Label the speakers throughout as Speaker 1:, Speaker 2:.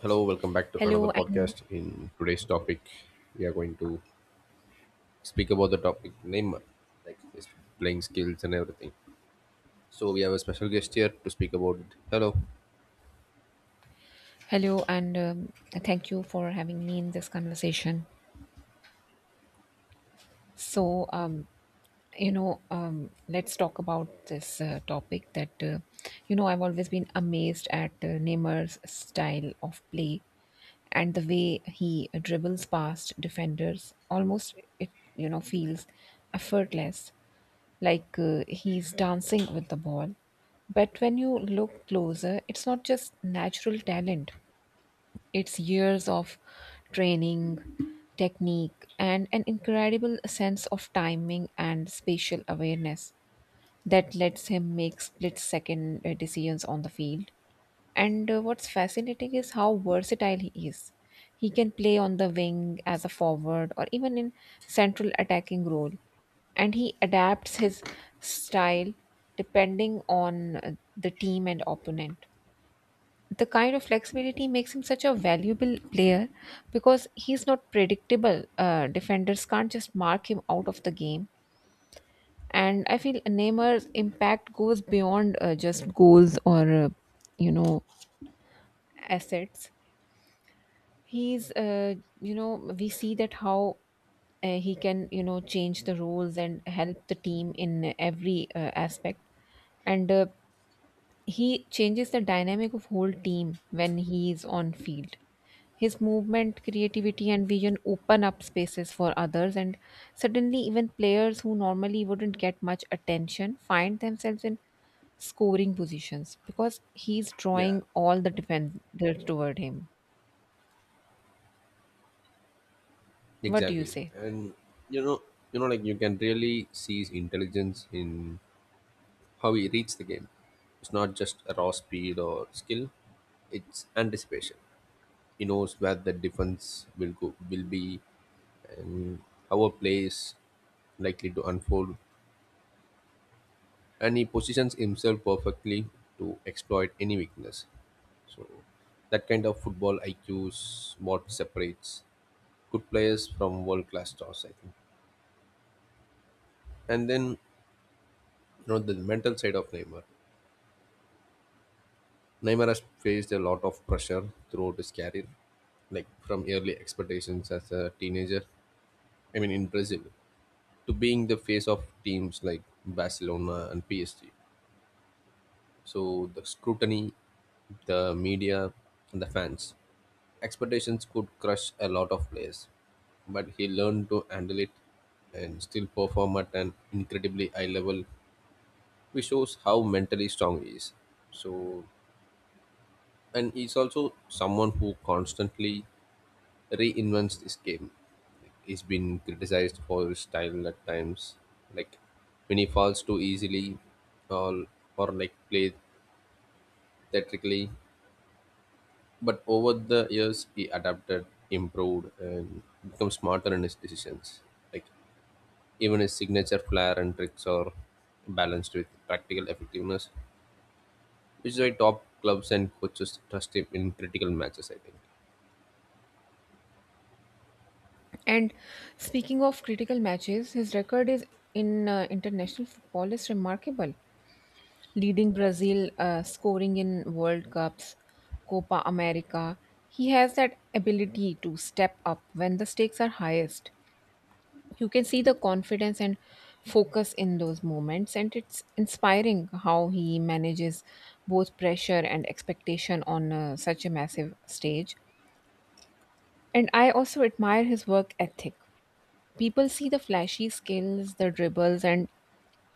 Speaker 1: Hello, welcome back to another
Speaker 2: Hello and
Speaker 1: podcast. In today's topic, we are going to speak about the topic name, like his playing skills and everything. So we have a special guest here to speak about it. Hello.
Speaker 2: hello and Thank you for having me in this conversation. So, um, let's talk about this topic that I've always been amazed at Neymar's style of play and the way he dribbles past defenders. Almost, it feels effortless, like he's dancing with the ball. But when you look closer, it's not just natural talent. It's years of training, technique, and an incredible sense of timing and spatial awareness that lets him make split second decisions on the field. And what's fascinating is how versatile he is. He can play on the wing as a forward or even in central attacking role, and he adapts his style depending on the team and opponent. The kind of flexibility makes him such a valuable player because he's not predictable. Defenders can't just mark him out of the game. And I feel Neymar's impact goes beyond just goals or, you know, assets. He's, uh, we see that how he can, you know, change the roles and help the team in every aspect. And He changes the dynamic of whole team when he is on field. His movement, creativity and vision open up spaces for others, and suddenly even players who normally wouldn't get much attention find themselves in scoring positions because he's
Speaker 1: Yeah,
Speaker 2: drawing all the defenders toward him. What do you
Speaker 1: exactly.
Speaker 2: say?
Speaker 1: And you know, like you can really see his intelligence in how he reads the game. It's not just a raw speed or skill; it's anticipation. He knows where the defense will go, will be, and how a play is likely to unfold, and he positions himself perfectly to exploit any weakness. So that kind of football IQ is what separates good players from world class stars, I think. And then the mental side of Neymar. Neymar has faced a lot of pressure throughout his career, like from early expectations as a teenager. I mean, in Brazil, to being the face of teams like Barcelona and PSG. So the scrutiny, the media, and the fans expectations could crush a lot of players, but he learned to handle it and still perform at an incredibly high level, which shows how mentally strong he is. So, and he's also someone who constantly reinvents this game. He's been criticized for his style at times, like when he falls too easily, or like play theatrically. But over the years, he adapted, improved, and become smarter in his decisions. Like even his signature flair and tricks are balanced with practical effectiveness, which is why top clubs and coaches trust him in critical matches, I think.
Speaker 2: And speaking of critical matches, his record is in international football is remarkable, leading Brazil, scoring in World Cups, Copa America. He has that ability to step up when the stakes are highest. You can see the confidence and focus in those moments, and it's inspiring how he manages both pressure and expectation on such a massive stage. And I also admire his work ethic. People see the flashy skills, the dribbles, and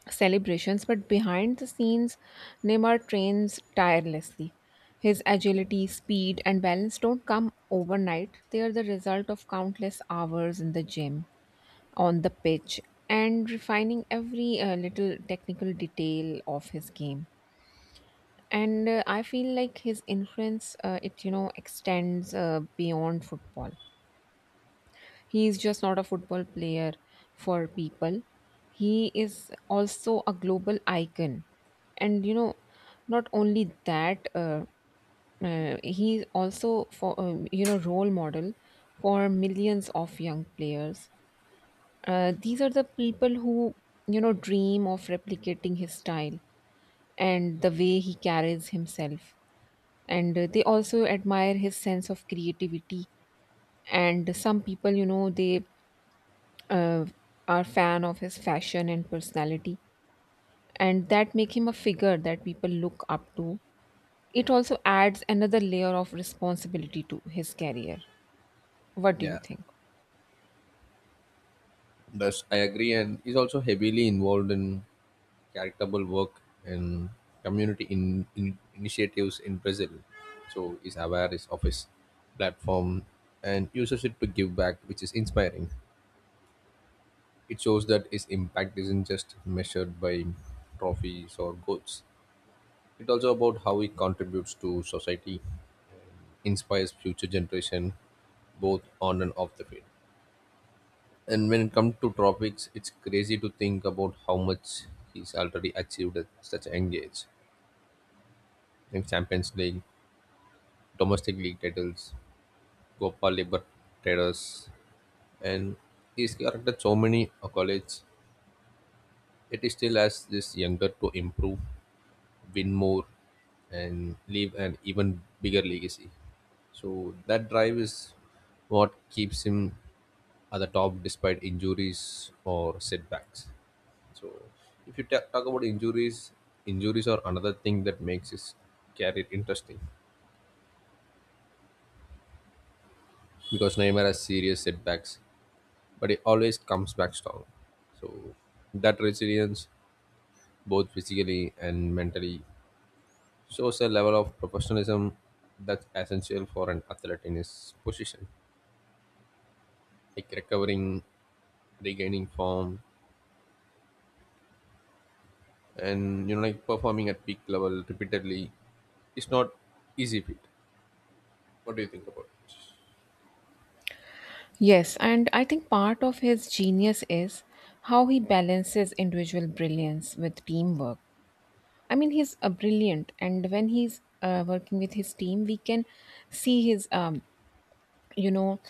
Speaker 2: celebrations, but behind the scenes, Neymar trains tirelessly. His agility, speed, and balance don't come overnight. They are the result of countless hours in the gym, on the pitch, and refining every little technical detail of his game. And I feel like his influence, extends beyond football. He is just not a football player for people. He is also a global icon. And you know, not only that, he is also for role model for millions of young players. These are the people who you know dream of replicating his style and the way he carries himself, and they also admire his sense of creativity. And some people you know they uh, are fan of his fashion and personality, and that make him a figure that people look up to. It also adds another layer of responsibility to his career. What do you
Speaker 1: Yeah.
Speaker 2: think?
Speaker 1: Thus, I agree, and he's also heavily involved in charitable work and community in, initiatives in Brazil. So he's aware is of his platform and uses it to give back, which is inspiring. It shows that his impact isn't just measured by trophies or goals, it also about how it contributes to society, inspires future generation, both on and off the field. And when it comes to tropics, it's crazy to think about how much he's already achieved at such a young age. In Champions League, domestic league titles, Copa Libertadores, and he's collected so many accolades. It is still has this younger to improve, win more, and leave an even bigger legacy. So that drive is what keeps him at the top despite injuries or setbacks. So if you talk about injuries, injuries are another thing that makes his career interesting because Neymar has serious setbacks, but he always comes back strong. So that resilience, both physically and mentally, shows a level of professionalism that's essential for an athlete in his position, like recovering, regaining form, and like performing at peak level repeatedly. It's not easy feat. What do you think about it?
Speaker 2: Yes, and I think part of his genius is how he balances individual brilliance with teamwork. I mean, he's a brilliant, and when he's working with his team, we can see his you know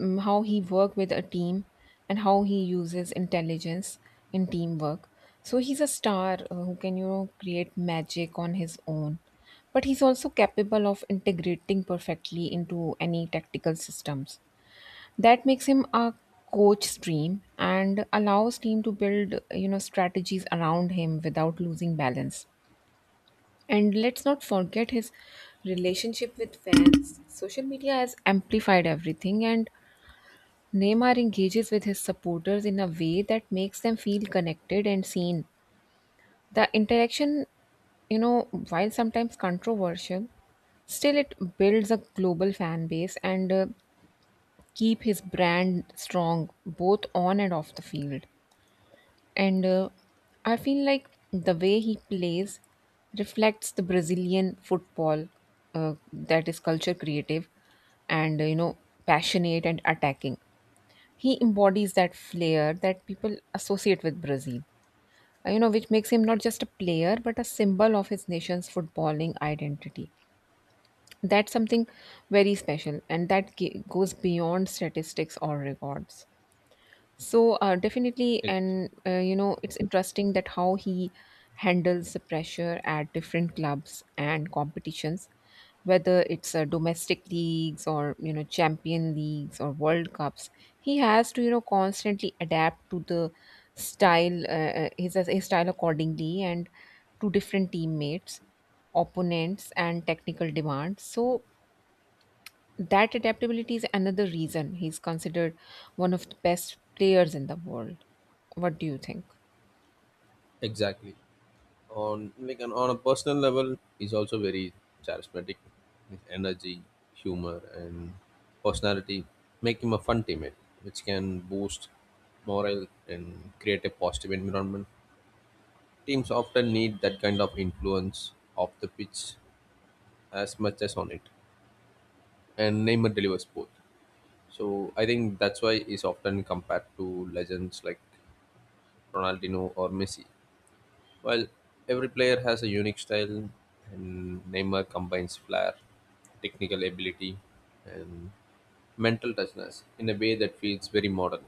Speaker 2: how he work with a team and how he uses intelligence in teamwork. So he's a star who can you know create magic on his own, but he's also capable of integrating perfectly into any tactical systems. That makes him a coach dream and allows team to build you know strategies around him without losing balance. And let's not forget his relationship with fans. Social media has amplified everything, and Neymar engages with his supporters in a way that makes them feel connected and seen. The interaction, you know, while sometimes controversial, still it builds a global fan base, and keep his brand strong both on and off the field. And I feel like the way he plays reflects the Brazilian football, that is culture, creative, and passionate and attacking. He embodies that flair that people associate with Brazil, you know, which makes him not just a player but a symbol of his nation's footballing identity. That's something very special, and that goes beyond statistics or records. So definitely.
Speaker 1: Ex-
Speaker 2: And you know, it's interesting that how he handles the pressure at different clubs and competitions, whether it's domestic leagues or you know champion leagues or World Cups. He has to you know constantly adapt to the style, his style accordingly, and to different teammates, opponents, and technical demands. So that adaptability is another reason he's considered one of the best players in the world. What do you think?
Speaker 1: Exactly. On a personal level, he's also very charismatic. His energy, humor, and personality make him a fun teammate, which can boost morale and create a positive environment. Teams often need that kind of influence off the pitch as much as on it, and Neymar delivers both. So I think that's why he's often compared to legends like Ronaldinho or Messi. While every player has a unique style, and Neymar combines flair, technical ability, and mental toughness in a way that feels very modern.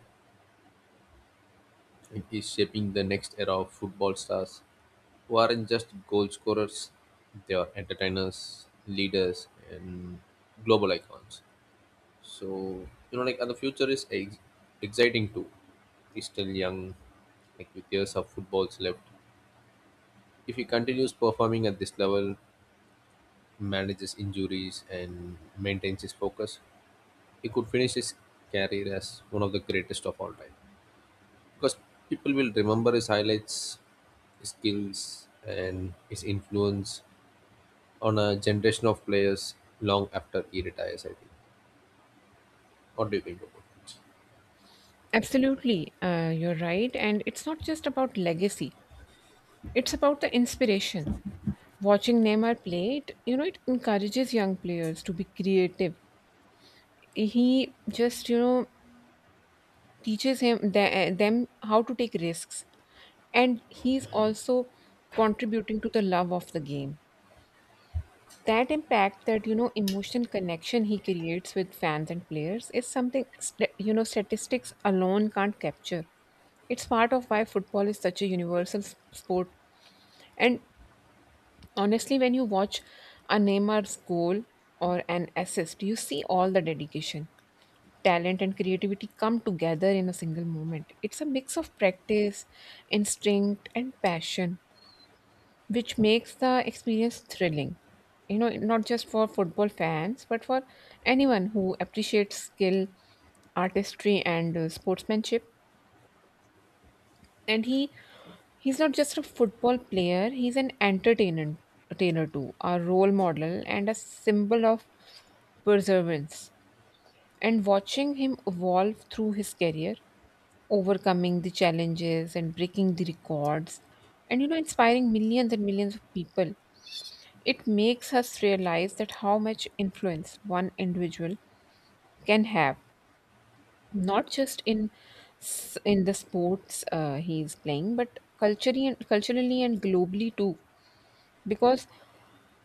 Speaker 1: It is shaping the next era of football stars who aren't just goal scorers, they are entertainers, leaders, and global icons. So, like, and the future is exciting too. He's still young, like, with years of footballs left. If he continues performing at this level, manages injuries, and maintains his focus, he could finish his career as one of the greatest of all time. Because people will remember his highlights, his skills, and his influence on a generation of players long after he retires, I think. What do you think about it?
Speaker 2: Absolutely, you're right. And it's not just about legacy, it's about the inspiration. Watching Neymar play, it encourages young players to be creative. He just, you know, teaches them how to take risks. And he's also contributing to the love of the game. That impact, that you know emotional connection he creates with fans and players, is something you know statistics alone can't capture. It's part of why football is such a universal sport. And honestly, when you watch a Neymar's goal or an assist, you see all the dedication, talent and creativity come together in a single moment. It's a mix of practice, instinct and passion, which makes the experience thrilling. You know, not just for football fans, but for anyone who appreciates skill, artistry, and sportsmanship. And he's not just a football player; he's an entertainer too, a role model, and a symbol of perseverance. And watching him evolve through his career, overcoming the challenges and breaking the records, and you know, inspiring millions and millions of people, it makes us realize that how much influence one individual can have, not just in the sports he is playing, but culturally and globally too. Because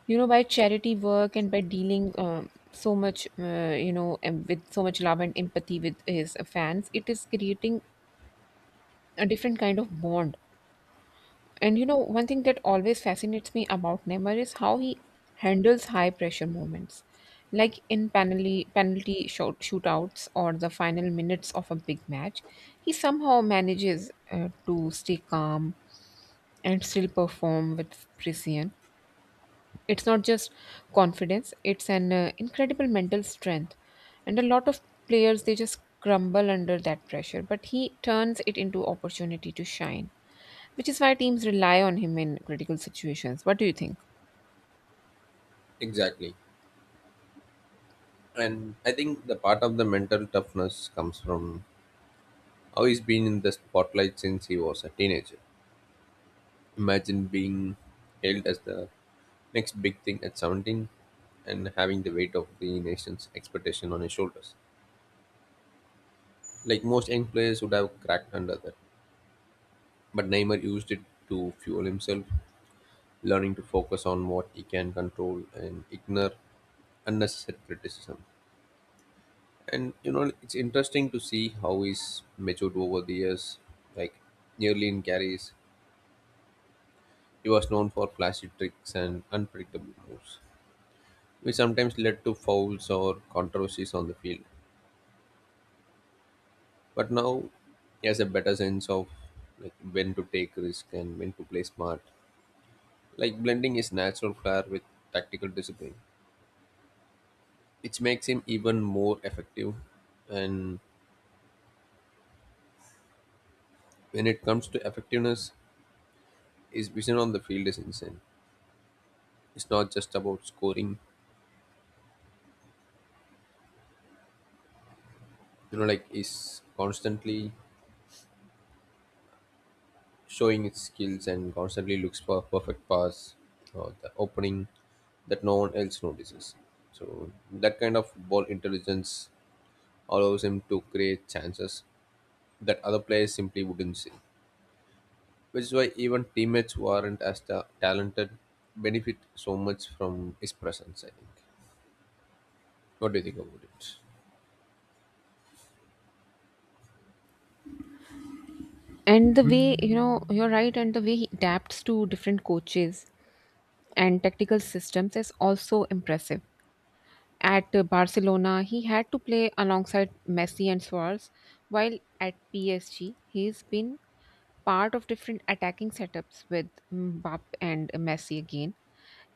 Speaker 2: you know, by charity work and by dealing so much, with so much love and empathy with his fans, it is creating a different kind of bond. And you know, one thing that always fascinates me about Neymar is how he handles high pressure moments, like in penalty shootouts or the final minutes of a big match. He somehow manages to stay calm and still perform with precision. It's not just confidence; it's an incredible mental strength. And a lot of players they just crumble under that pressure, but he turns it into opportunity to shine, which is why teams rely on him in critical situations. What do you think?
Speaker 1: Exactly. And I think the part of the mental toughness comes from how he's been in the spotlight since he was a teenager. Imagine being hailed as the next big thing at 17 and having the weight of the nation's expectation on his shoulders. Like most young players would have cracked under that. But Neymar used it to fuel himself, learning to focus on what he can control and ignore unnecessary criticism. And it's interesting to see how he's matured over the years. Like nearly in carries, he was known for flashy tricks and unpredictable moves, which sometimes led to fouls or controversies on the field. But now he has a better sense of like when to take risk and when to play smart, like blending his natural flair with tactical discipline, which makes him even more effective. And when it comes to effectiveness, his vision on the field is insane. It's not just about scoring, like is constantly showing his skills and constantly looks for a perfect pass or the opening that no one else notices. So that kind of ball intelligence allows him to create chances that other players simply wouldn't see, which is why even teammates who aren't as talented benefit so much from his presence, I think. What do you think about it?
Speaker 2: And the way, you know, you're right, and the way he adapts to different coaches and tactical systems is also impressive. At Barcelona, he had to play alongside Messi and Suarez, while at PSG, he's been part of different attacking setups with Mbappe and Messi again.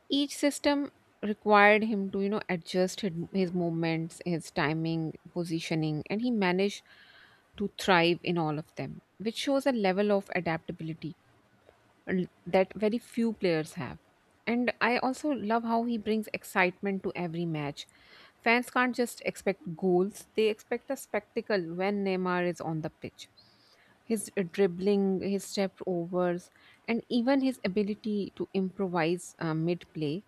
Speaker 2: Each system required him to you know adjust his movements, his timing, positioning, and he managed to thrive in all of them, which shows a level of adaptability that very few players have. And I also love how he brings excitement to every match. Fans can't just expect goals, they expect a spectacle when Neymar is on the pitch. His dribbling, his step overs, and even his ability to improvise mid play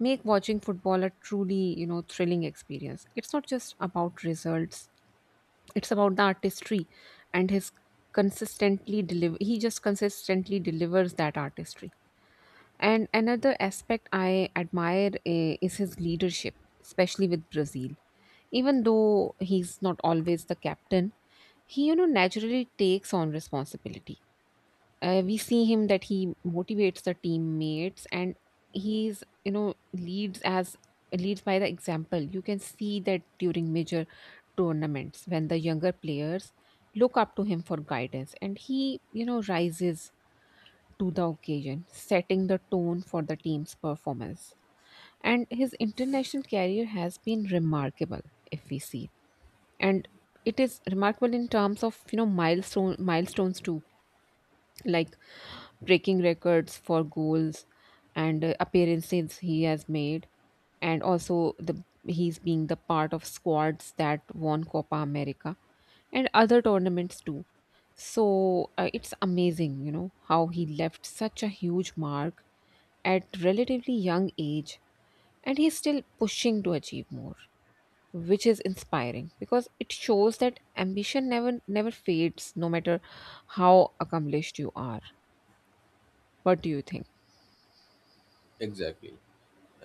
Speaker 2: make watching football a truly you know thrilling experience. It's not just about results, it's about the artistry, and his consistently deliver he just consistently delivers that artistry. And another aspect I admire, is his leadership, especially with Brazil. Even though he's not always the captain, he you know naturally takes on responsibility. We see him that he motivates the teammates, and he's you know leads by the example. You can see that during major tournaments when the younger players look up to him for guidance, and he you know rises to the occasion, setting the tone for the team's performance. And his international career has been remarkable if we see, and it is remarkable in terms of you know milestones too, like breaking records for goals and appearances he has made, and also the he's being the part of squads that won Copa America and other tournaments too. So it's amazing you know how he left such a huge mark at relatively young age, and he's still pushing to achieve more, which is inspiring because it shows that ambition never fades no matter how accomplished you are. What do you think?
Speaker 1: Exactly.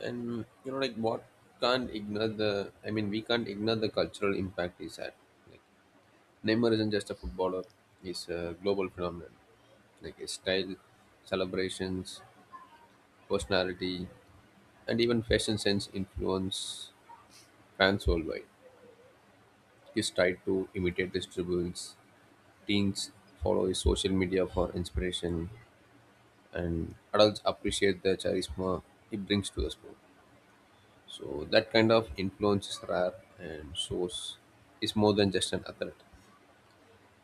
Speaker 1: And like what can't ignore the I mean, we can't ignore the cultural impact he's had. Like Neymar isn't just a footballer, he's a global phenomenon. Like his style, celebrations, personality, and even fashion sense influence fans worldwide. He's tried to imitate his dribbles, teens follow his social media for inspiration, and adults appreciate the charisma he brings to the sport. So that kind of influence is rare, and shows is more than just an athlete.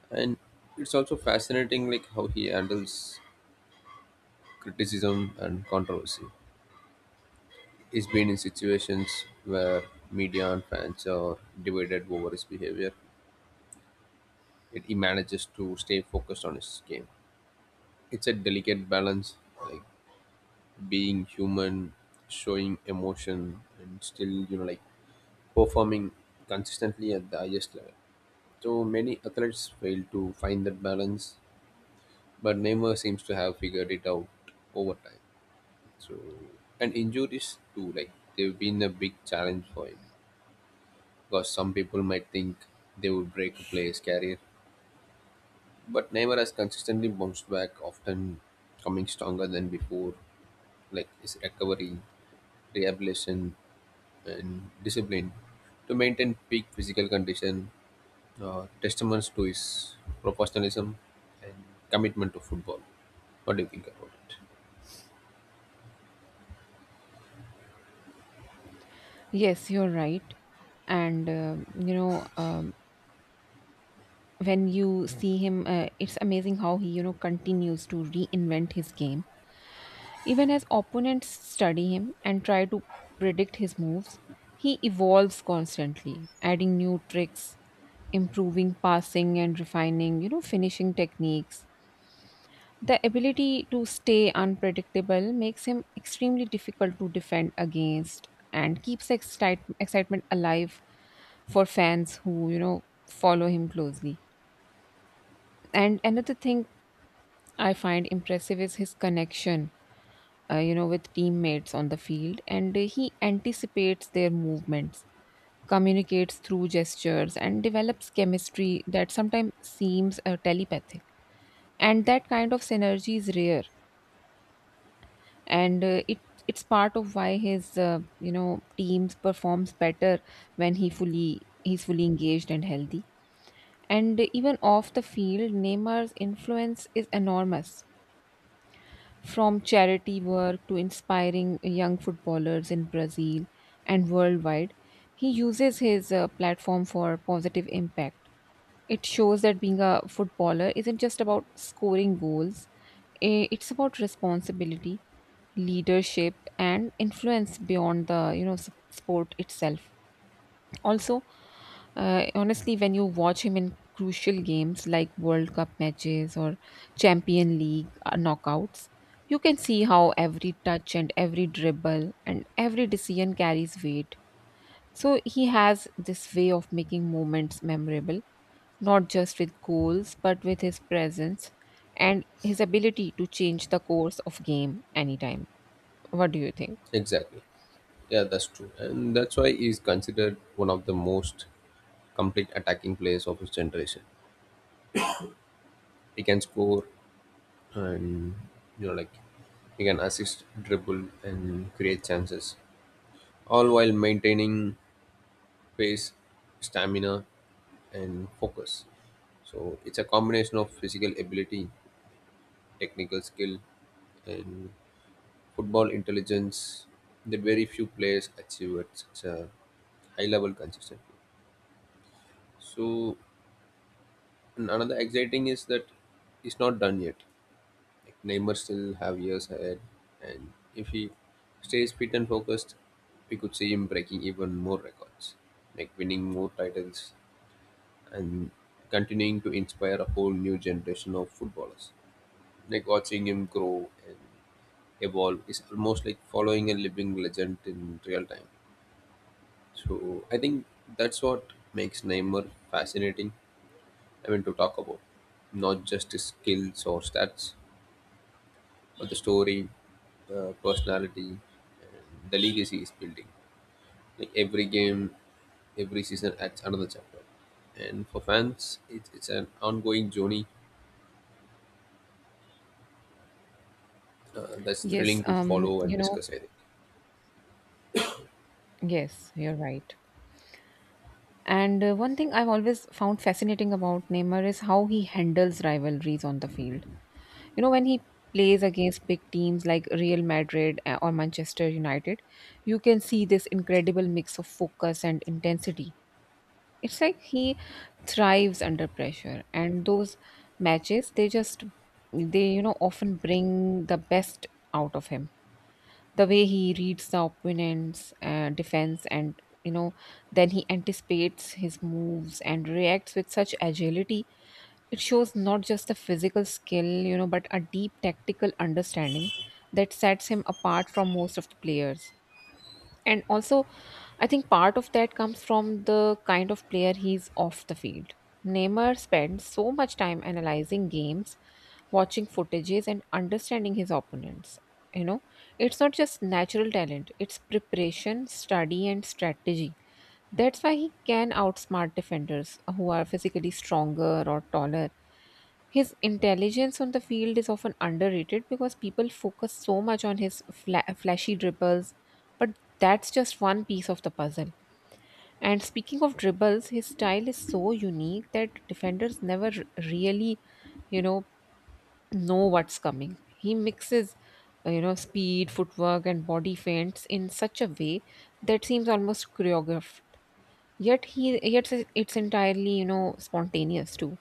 Speaker 1: And it's also fascinating, like how he handles criticism and controversy. He's been in situations where media and fans are divided over his behavior. Yet he manages to stay focused on his game. It's a delicate balance, like being human, showing emotion, and still, like performing consistently at the highest level. So many athletes fail to find that balance, but Neymar seems to have figured it out over time. So, and injuries too, like they've been a big challenge for him because some people might think they would break a player's career, but Neymar has consistently bounced back, often coming stronger than before. Like his recovery, rehabilitation, and discipline to maintain peak physical condition, testaments to his professionalism and commitment to football. What do you think about it?
Speaker 2: Yes, you're right. And when you see him, it's amazing how he, you know, continues to reinvent his game. Even as opponents study him and try to predict his moves, he evolves constantly, adding new tricks, improving passing and refining, you know, finishing techniques. The ability to stay unpredictable makes him extremely difficult to defend against and keeps excitement alive for fans who follow him closely. And another thing I find impressive is his connection with teammates on the field. And he anticipates their movements, communicates through gestures, and develops chemistry that sometimes seems telepathic. And that kind of synergy is rare. And it's part of why his teams performs better when he's fully engaged and healthy. And even off the field, Neymar's influence is enormous. From charity work to inspiring young footballers in Brazil and worldwide, he uses his platform for positive impact. It shows that being a footballer isn't just about scoring goals. It's about responsibility, leadership, and influence beyond the sport itself. Also, honestly, when you watch him in crucial games like World Cup matches or Champion League knockouts, you can see how every touch and every dribble and every decision carries weight. So he has this way of making moments memorable, not just with goals, but with his presence and his ability to change the course of game anytime. What do you think?
Speaker 1: Exactly. Yeah, that's true. And that's why he's considered one of the most complete attacking players of his generation. He can score, and, like, he can assist, dribble, and create chances, all while maintaining pace, stamina, and focus. So it's a combination of physical ability, technical skill, and football intelligence that very few players achieve at such a high level consistently. So, and another exciting is that it's not done yet. Like Neymar still have years ahead, and if he stays fit and focused, we could see him breaking even more records, like winning more titles and continuing to inspire a whole new generation of footballers. Like watching him grow and evolve is almost like following a living legend in real time. So I think that's what makes Neymar fascinating. I mean, to talk about not just his skills or stats, but the story, personality, and the legacy he's building. Like every game, every season adds another chapter. And for fans, it's an ongoing journey that's
Speaker 2: Yes,
Speaker 1: thrilling to follow and discuss, I think.
Speaker 2: yes, you're right. And one thing I've always found fascinating about Neymar is how he handles rivalries on the field. You know, when he plays against big teams like Real Madrid or Manchester United, you can see this incredible mix of focus and intensity. It's like he thrives under pressure, and those matches, they just, they, you know, often bring the best out of him. The way he reads the opponent's defense, and then he anticipates his moves and reacts with such agility, it shows not just the physical skill, but a deep tactical understanding that sets him apart from most of the players. And also, I think part of that comes from the kind of player he's off the field. Neymar spends so much time analyzing games, watching footages, and understanding his opponents. you know it's not just natural talent, it's preparation, study, and strategy. That's why he can outsmart defenders who are physically stronger or taller. His intelligence on the field is often underrated because people focus so much on his flashy dribbles, but that's just one piece of the puzzle. And speaking of dribbles, his style is so unique that defenders never really you know know what's coming. He mixes, speed, footwork, and body feints in such a way that seems almost choreographed. Yet it's entirely, spontaneous too.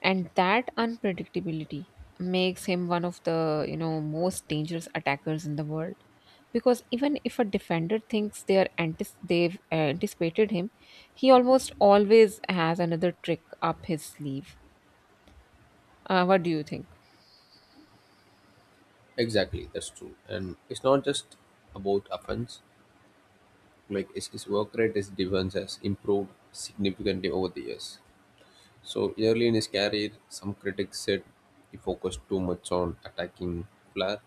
Speaker 2: And that unpredictability makes him one of the, most dangerous attackers in the world. Because even if a defender thinks they've anticipated him, he almost always has another trick up his sleeve. What do you think?
Speaker 1: Exactly, that's true. And it's not just about offense. Like his work rate, his defense has improved significantly over the years. So early in his career, some critics said he focused too much on attacking flair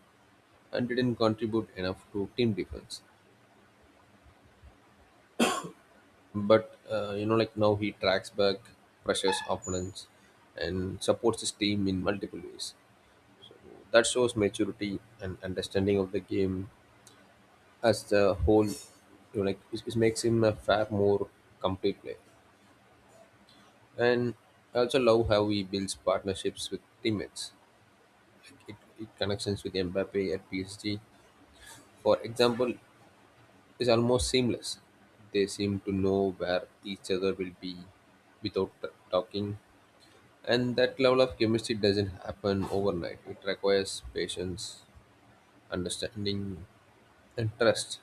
Speaker 1: and didn't contribute enough to team defense. But like now he tracks back, pressures opponents, and supports his team in multiple ways. That shows maturity and understanding of the game as the whole. Like it makes him a far more complete player. And I also love how he builds partnerships with teammates. Like it connections with Mbappe at PSG, for example, is almost seamless. They seem to know where each other will be without talking, and that level of chemistry doesn't happen overnight. It requires patience, understanding, and trust.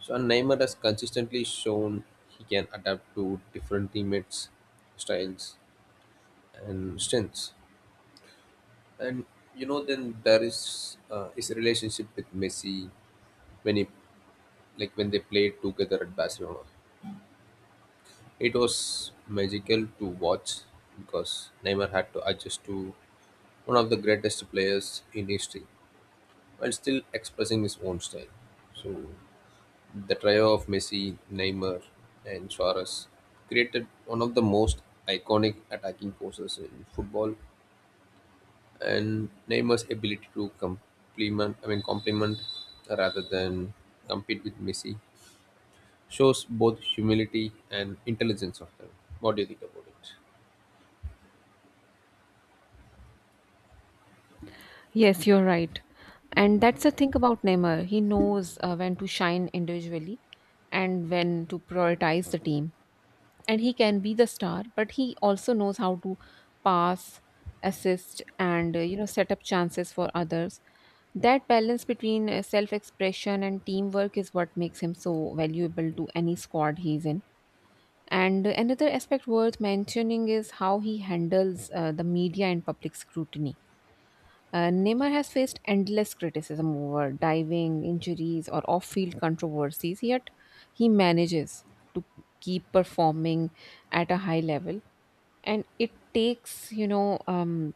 Speaker 1: So, Neymar has consistently shown he can adapt to different teammates' styles and strengths. And then there is his relationship with Messi, when he like when they played together at Barcelona. It was magical to watch because Neymar had to adjust to one of the greatest players in history while still expressing his own style. So, the trio of Messi, Neymar, and Suarez created one of the most iconic attacking forces in football, and Neymar's ability to complement, I mean, complement rather than compete with Messi shows both humility and intelligence of them. What do you think about it?
Speaker 2: Yes, you're right. And that's the thing about Neymar. He knows when to shine individually and when to prioritize the team. And he can be the star, but he also knows how to pass, assist, and set up chances for others. That balance between self-expression and teamwork is what makes him so valuable to any squad he's in. And another aspect worth mentioning is how he handles the media and public scrutiny. Neymar has faced endless criticism over diving, injuries, or off field controversies, yet he manages to keep performing at a high level. And it takes, you know, um,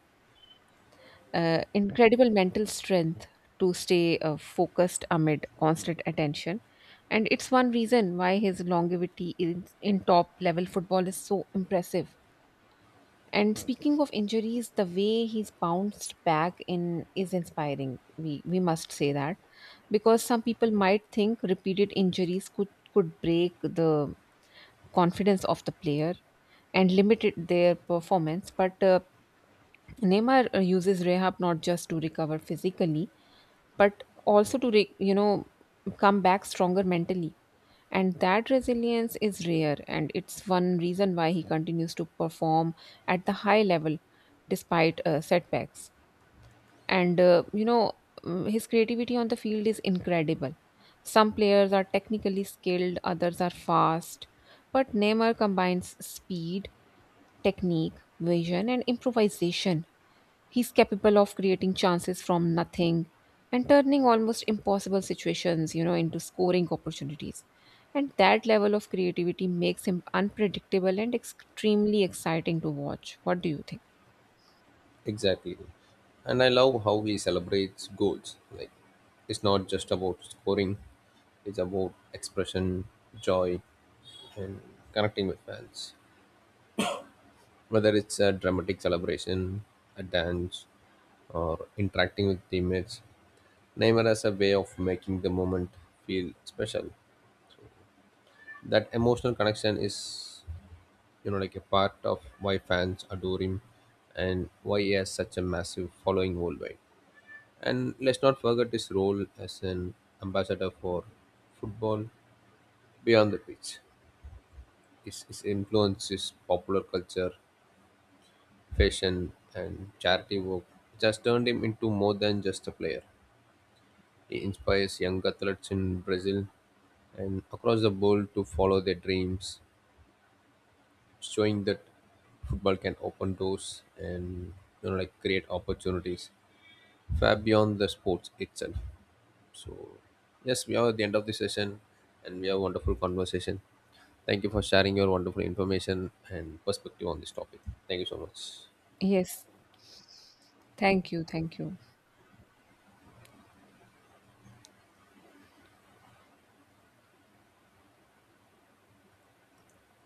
Speaker 2: uh, incredible mental strength to stay focused amid constant attention. And it's one reason why his longevity in top level football is so impressive. And speaking of injuries, the way he's bounced back in is inspiring. We must say that because some people might think repeated injuries could break the confidence of the player and limited their performance. But Neymar uses rehab not just to recover physically, but also to come back stronger mentally. And that resilience is rare, and it's one reason why he continues to perform at the high level despite setbacks. And his creativity on the field is incredible. Some players are technically skilled, others are fast, but Neymar combines speed, technique, vision, and improvisation. He's capable of creating chances from nothing and turning almost impossible situations, into scoring opportunities. And that level of creativity makes him unpredictable and extremely exciting to watch. What do you think?
Speaker 1: Exactly. And I love how he celebrates goals. Like, it's not just about scoring, it's about expression, joy, and connecting with fans. Whether it's a dramatic celebration, a dance, or interacting with teammates, Neymar has a way of making the moment feel special. That emotional connection is, like, a part of why fans adore him and why he has such a massive following worldwide. And let's not forget his role as an ambassador for football beyond the pitch. His influence is popular culture, fashion, and charity work, which has turned him into more than just a player. He inspires young athletes in Brazil and across the world to follow their dreams, showing that football can open doors and, like, create opportunities far beyond the sports itself. So, yes, we are at the end of the session and we have a wonderful conversation. Thank you for sharing your wonderful information and perspective on this topic. Thank you so much.
Speaker 2: Yes. Thank you. Thank you.